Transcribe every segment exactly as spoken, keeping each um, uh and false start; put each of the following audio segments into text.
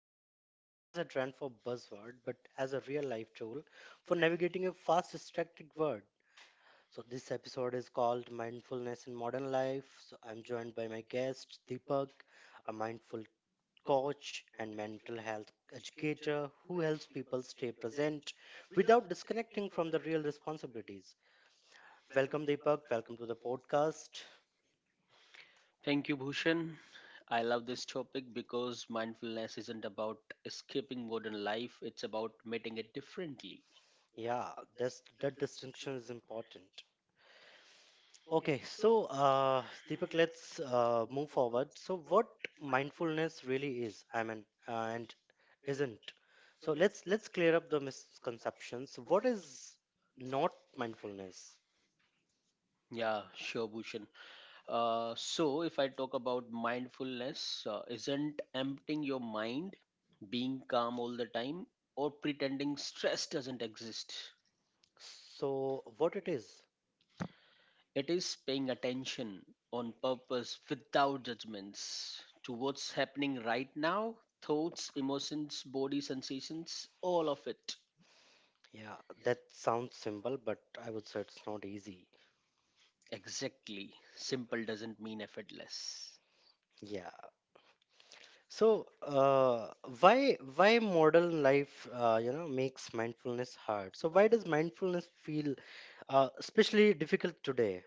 mindfulness, not as a trend for buzzword, but as a real life tool for navigating a fast, distracted world. So, this episode is called Mindfulness in Modern Life. So, I'm joined by my guest, Deepak, a mindful coach and mental health educator who helps people stay present without disconnecting from the real responsibilities. Welcome, Deepak. Welcome to the podcast. Thank you, Bhushan. I love this topic because mindfulness isn't about escaping modern life, it's about meeting it differently. Yeah, that's that distinction is important. Okay, so uh, Deepak, let's uh, move forward. So, what mindfulness really is, I mean, uh, and isn't. So let's let's clear up the misconceptions. What is not mindfulness? Yeah, sure, Bhushan. Uh, so, if I talk about mindfulness, uh, isn't emptying your mind, being calm all the time, or pretending stress doesn't exist. So, what it is? It is paying attention on purpose without judgments to what's happening right now, thoughts, emotions, body sensations, all of it. Yeah, that sounds simple, but I would say it's not easy. Exactly. Simple doesn't mean effortless. Yeah. So, uh, why why modern life, uh, you know, makes mindfulness hard? So, why does mindfulness feel Uh, especially difficult today.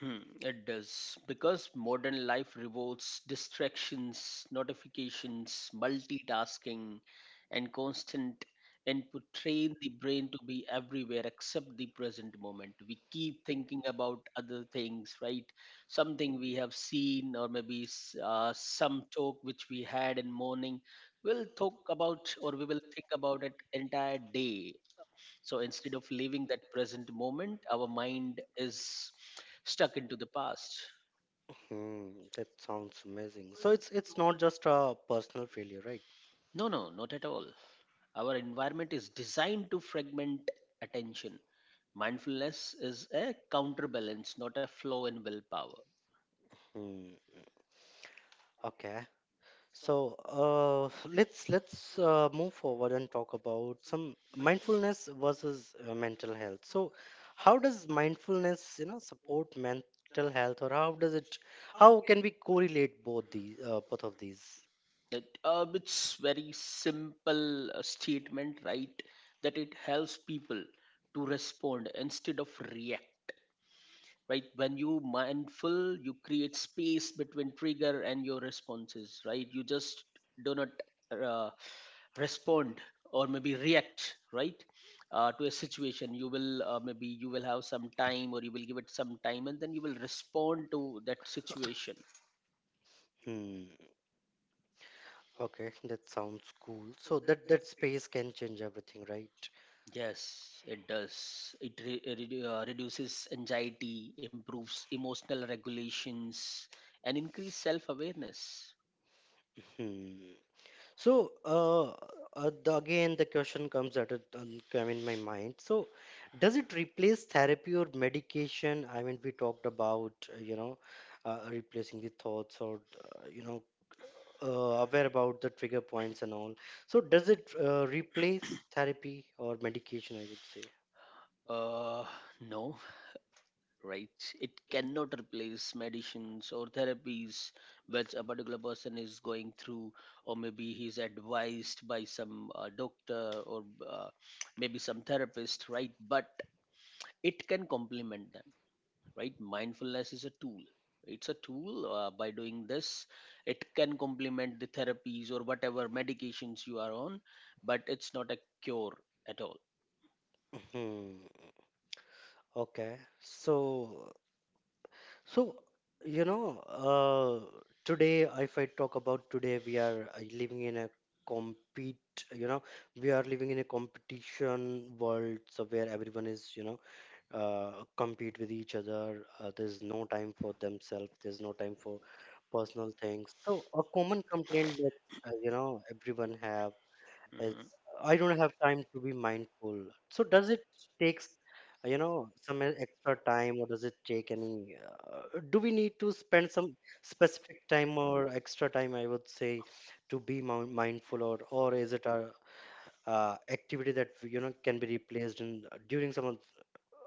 Hmm, it does. Because modern life revolves distractions, notifications, multitasking, and constant input train the brain to be everywhere except the present moment. We keep thinking about other things, right? Something we have seen, or maybe s- uh, some talk which we had in morning. We'll talk about or we will think about it entire day. So instead of living that present moment, our mind is stuck into the past. Hmm, that sounds amazing. So it's it's not just a personal failure, right? No, no, not at all. Our environment is designed to fragment attention. Mindfulness is a counterbalance, not a flaw in willpower. Hmm. Okay. So uh, let's let's uh, move forward and talk about some mindfulness versus uh, mental health. So how does mindfulness, you know, support mental health, or how does it, how can we correlate both these, uh, both of these? It, uh, it's very simple uh, statement, right? That it helps people to respond instead of react, right? When you mindful, you create space between trigger and your responses, right? You just do not uh, respond or maybe react, right? Uh, to a situation, you will uh, maybe you will have some time or you will give it some time and then you will respond to that situation. Hmm. Okay, that sounds cool. So that that space can change everything, right? Yes, it does. It re- uh, redu- uh, reduces anxiety, improves emotional regulations and increase self awareness. Hmm. So, uh, uh, the, again, the question comes that it um, came in my mind. So, does it replace therapy or medication? I mean, we talked about, uh, you know, uh, replacing the thoughts, or, uh, you know, uh, aware about the trigger points and all. So, does it uh, replace therapy or medication? I would say. uh no, right? It cannot replace medicines or therapies which a particular person is going through, or maybe he's advised by some uh, doctor or uh, maybe some therapist, right? But it can complement them, right? Mindfulness is a tool. It's a tool. Uh, by doing this, it can complement the therapies or whatever medications you are on, but it's not a cure at all. Hmm. Okay. So So, you know, uh, today, if I talk about today, we are uh, living in a compete, you know, we are living in a competition world, so where everyone is, you know, uh, compete with each other. Uh, there's no time for themselves, there's no time for personal things. So, a common complaint that, uh, you know, everyone have is, Mhm. I don't have time to be mindful. So, does it take uh, you know some e- extra time, or does it take any uh, do we need to spend some specific time or extra time, I would say, to be moun- mindful, or or is it a uh, activity that you know can be replaced in uh, during some of,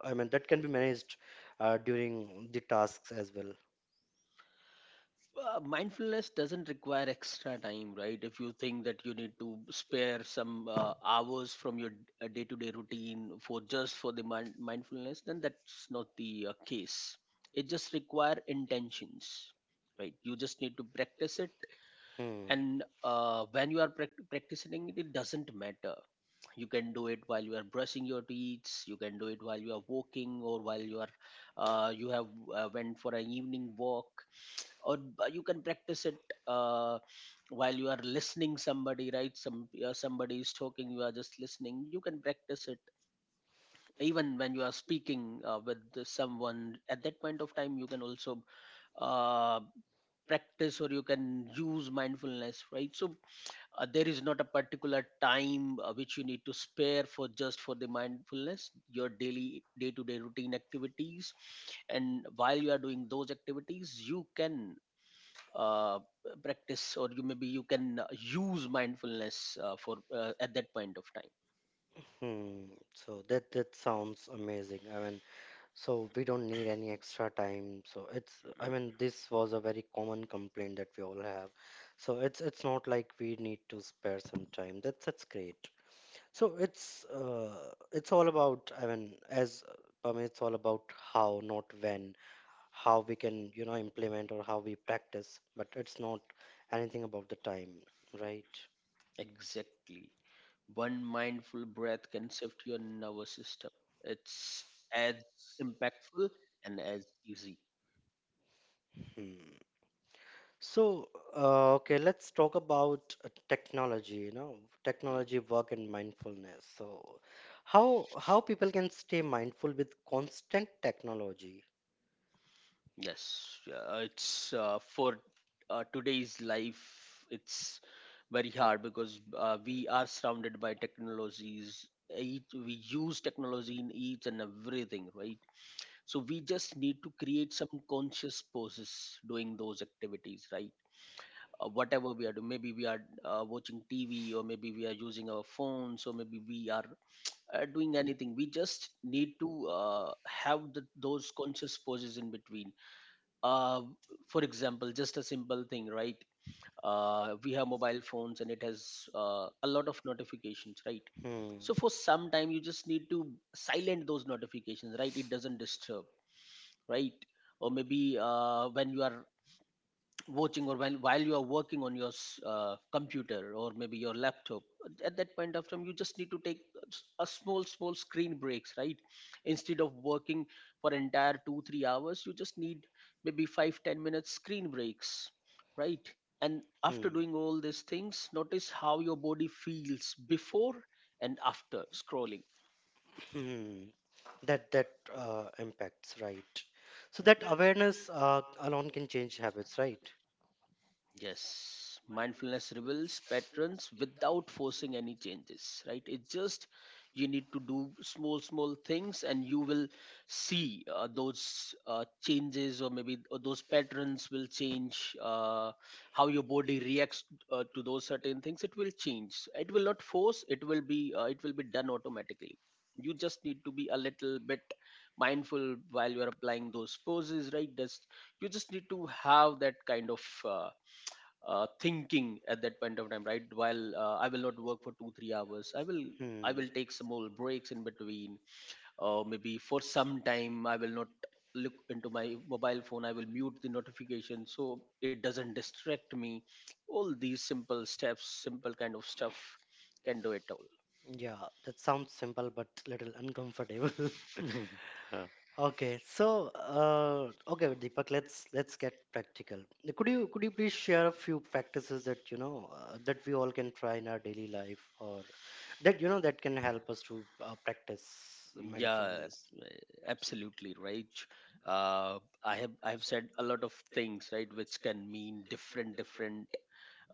I mean, that can be managed uh, during the tasks as well? Uh, mindfulness doesn't require extra time, right? If you think that you need to spare some uh, hours from your uh, day-to-day routine for just for the mind- mindfulness, then that's not the uh, case. It just require intentions, right? You just need to practice it. Hmm. And uh, when you are prac- practicing it, it doesn't matter. You can do it while you are brushing your teeth. You can do it while you are walking or while you are uh, you have uh, went for an evening walk, or b- you can practice it uh, while you are listening somebody, right? Some uh, somebody is talking, you are just listening. You can practice it even when you are speaking uh, with the someone at that point of time. You can also uh, practice or you can use mindfulness, right? So uh, there is not a particular time uh, which you need to spare for just for the mindfulness. Your daily day to day routine activities, and while you are doing those activities you can uh, practice or you maybe you can uh, use mindfulness uh, for uh, at that point of time. Hmm. So that that sounds amazing. I mean, So we don't need any extra time. So it's, I mean, this was a very common complaint that we all have. So it's it's not like we need to spare some time. That's that's great. So it's uh, it's all about, I mean, as I mean, it's all about how, not when, how we can, you know, implement or how we practice, but it's not anything about the time, right? Exactly. One mindful breath can shift your nervous system. It's as impactful and as easy. Hmm. So, uh, okay, let's talk about uh, technology, you know, Mm. technology, work, and mindfulness. So, how how people can stay mindful with constant technology? Yes, yeah, it's uh, for uh, today's life, it's very hard because uh, we are surrounded by technologies. Each, we use technology in each and everything, right? So we just need to create some conscious pauses doing those activities, right? Uh, whatever we are doing, maybe we are uh, watching tv or maybe we are using our phones or maybe we are uh, doing anything. We just need to uh, have the, those conscious pauses in between uh, for example. Just a simple thing, right? Uh, we have mobile phones and it has uh, a lot of notifications, right? Hmm. So for some time you just need to silent those notifications, right? It doesn't disturb, right? Or maybe uh, when you are watching or when while you are working on your s- uh, computer or maybe your laptop, at that point of time you just need to take a s- a small small screen breaks, right? Instead of working for entire two three hours, you just need maybe five, ten minutes screen breaks, right? And Hmm. after doing all these things, notice how your body feels before and after scrolling. Hmm. That that uh, impacts, right? So that awareness uh, alone can change habits, right? Yes, mindfulness reveals patterns without forcing any changes, right? It just you need to do small, small things, and you will see uh, those uh, changes, or maybe th- those patterns will change. Uh, how your body reacts uh, to those certain things, it will change. It will not force. It will be. Uh, it will be done automatically. You just need to be a little bit mindful while you are applying those poses, right? Just you just need to have that kind of. Uh, uh, thinking at that point of time, right? While uh, I will not work for two three hours, i will Hmm. i will take some more breaks in between, uh, maybe for some time I will not look into my mobile phone, I will mute the notification so it doesn't distract me. All these simple steps, simple kind of stuff can do it all. Yeah, that sounds simple but little uncomfortable. Okay, so uh, okay, Deepak, let's let's get practical. Could you could you please share a few practices that you know uh, that we all can try in our daily life, or that you know that can help us to uh, practice Yeah, mindfulness? abs- absolutely right. Uh, I have I have said a lot of things, right, which can mean different, different,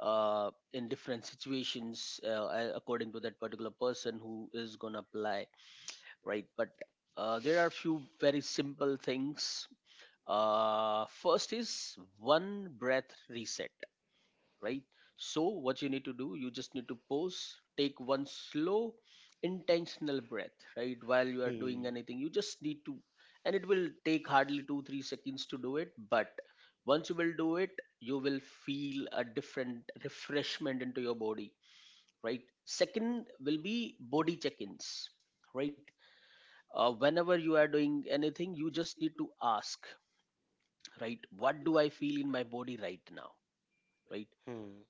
uh, in different situations, uh, a- according to that particular person who is gonna apply, right? But uh, there are few very simple things. Uh, first is one breath reset, right? So, what you need to do, you just need to pause, take one slow, intentional breath, right? While you are doing Hmm. anything, you just need to, and it will take hardly two, three seconds to do it. But once you will do it, you will feel a different refreshment into your body, right? Second will be body check ins, right? Uh, whenever you are doing anything, you just need to ask, right? What do I feel in my body right now, right? Hmm.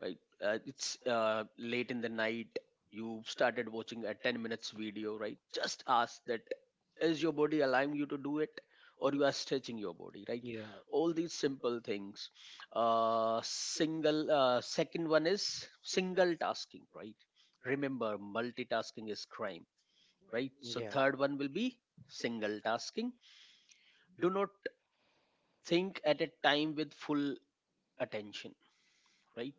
Right. Uh, it's uh, late in the night. You started watching a ten minutes video, right? Just ask that is your body allowing you to do it or you are stretching your body, right? Yeah. All these simple things. Uh, single uh, Second one is single tasking, right? Remember, multitasking is crime, right? So Yeah. third one will be single tasking. Do not think at a time with full attention, right?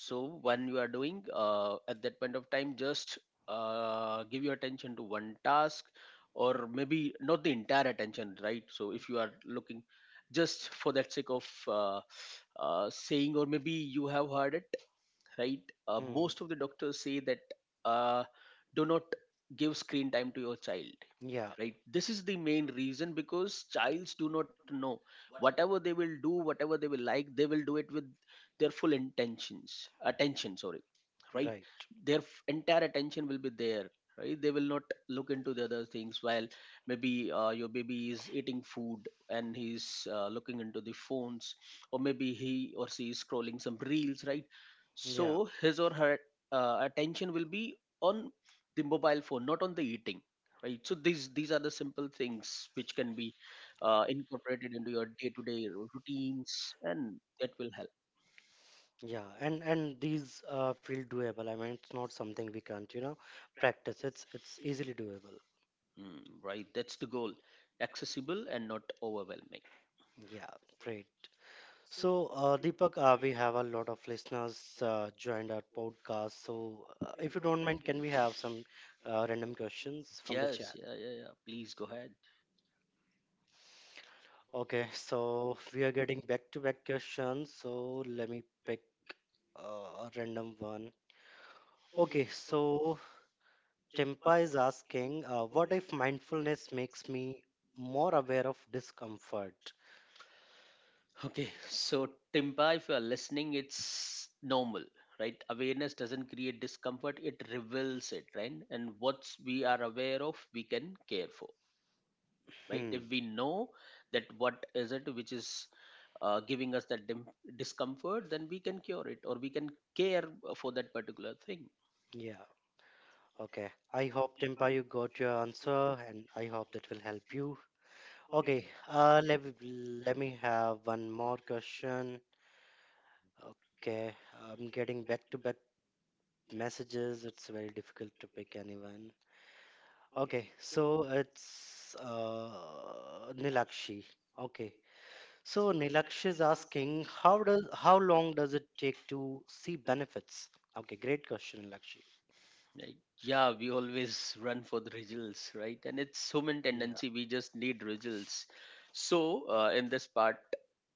So when you are doing uh, at that point of time, just uh, give your attention to one task or maybe not the entire attention, right? So if you are looking just for that sake of uh, uh, saying or maybe you have heard it, right? uh, Hmm. Most of the doctors say that uh, do not give screen time to your child, Yeah, right? This is the main reason, because childs do not know whatever they will do, whatever they will like, they will do it with their full intentions attention sorry, right? right. Their f- entire attention will be there, right? They will not look into the other things while maybe uh, your baby is eating food and he's uh, looking into the phones or maybe he or she is scrolling some reels, right? Yeah, So his or her uh, attention will be on the mobile phone, not on the eating, right? So these these are the simple things which can be uh, incorporated into your day-to-day routines, and that will help. yeah. And and these uh, feel doable. I mean, it's not something we can't, you know, practice. It's it's easily doable. Hmm, right, that's the goal. Accessible and not overwhelming. Yeah, great. So, uh, Deepak, uh, we have a lot of listeners uh, joined our podcast. So, uh, if you don't mind, can we have some uh, random questions from the Yes, chat? yeah, yeah, yeah, please go ahead. Okay, so we are getting back-to-back questions. So let me pick uh, a random one. Okay, so Tempa is asking, uh, what if mindfulness makes me more aware of discomfort? Okay, so Timpa, if you are listening, it's normal, right? Awareness doesn't create discomfort, it reveals it, right? And what we are aware of we can care for, right? Hmm. If we know that what is it which is uh, giving us that dim- discomfort, then we can cure it or we can care for that particular thing, Yeah. Okay. I hope Tempa, you got your answer, and I hope that will help you. Okay. Uh, let me- let me have one more question. Okay. I'm getting back to back messages. It's very difficult to pick anyone. Okay. So it's uh, Nilakshi. Okay. So Nilaksh is asking, how does how long does it take to see benefits? Okay, great question, Nilaksh. right? Yeah. Yeah, we always run for the results, right? And it's human tendency, we just need results. So uh, in this part,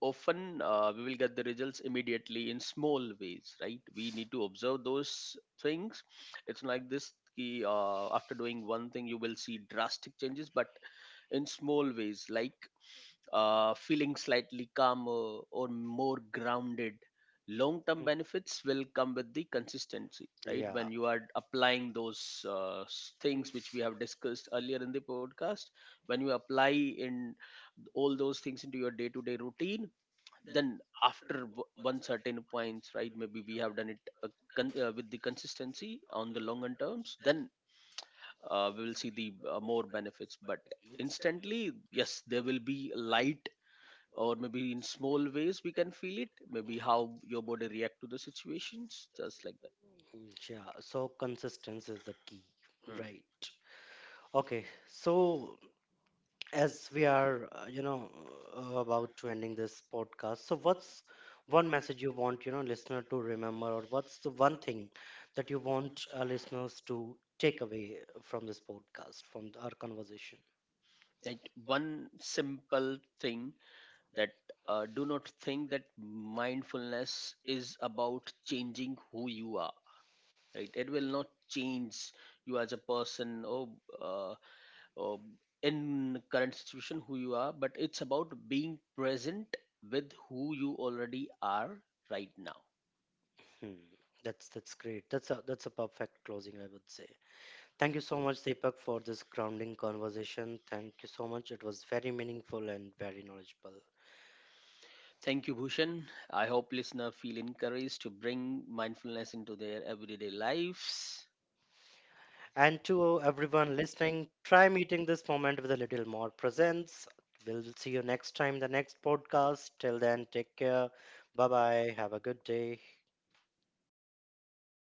often uh, we will get the results immediately in small ways, right? We need to observe those things. It's not like this ki, uh, after doing one thing you will see drastic changes, but in small ways, like uh, feeling slightly calmer or more grounded. Long term Mm. benefits will come with the consistency, right? Yeah. When you are applying those uh, s- things which we have discussed earlier in the podcast, when you apply in all those things into your day to day routine, then after w- one certain points, right? Maybe we have done it uh, con- uh, with the consistency on the longer terms, then uh, we will see the uh, more benefits. But instantly, yes, there will be light, or maybe in small ways we can feel it, maybe how your body react to the situations just like that. Yeah. So consistency is the key, Mm. right? Okay. So as we are uh, you know uh, about to ending this podcast, so what's one message you want, you know, listener to remember, or what's the one thing that you want our listeners to take away from this podcast, from our conversation? That one simple thing, that uh, do not think that mindfulness is about changing who you are, right? It will not change you as a person, or uh, or in current situation who you are, but it's about being present with who you already are right now. Hmm. that's that's great. That's a that's a perfect closing, I would say. Thank you so much, Deepak, for this grounding conversation. Thank you so much. It was very meaningful and very knowledgeable. Thank you, Bhushan. I hope listeners feel encouraged to bring mindfulness into their everyday lives. And to everyone listening, try meeting this moment with a little more presence. We'll see you next time, the next podcast. Till then, take care. Bye bye. Have a good day.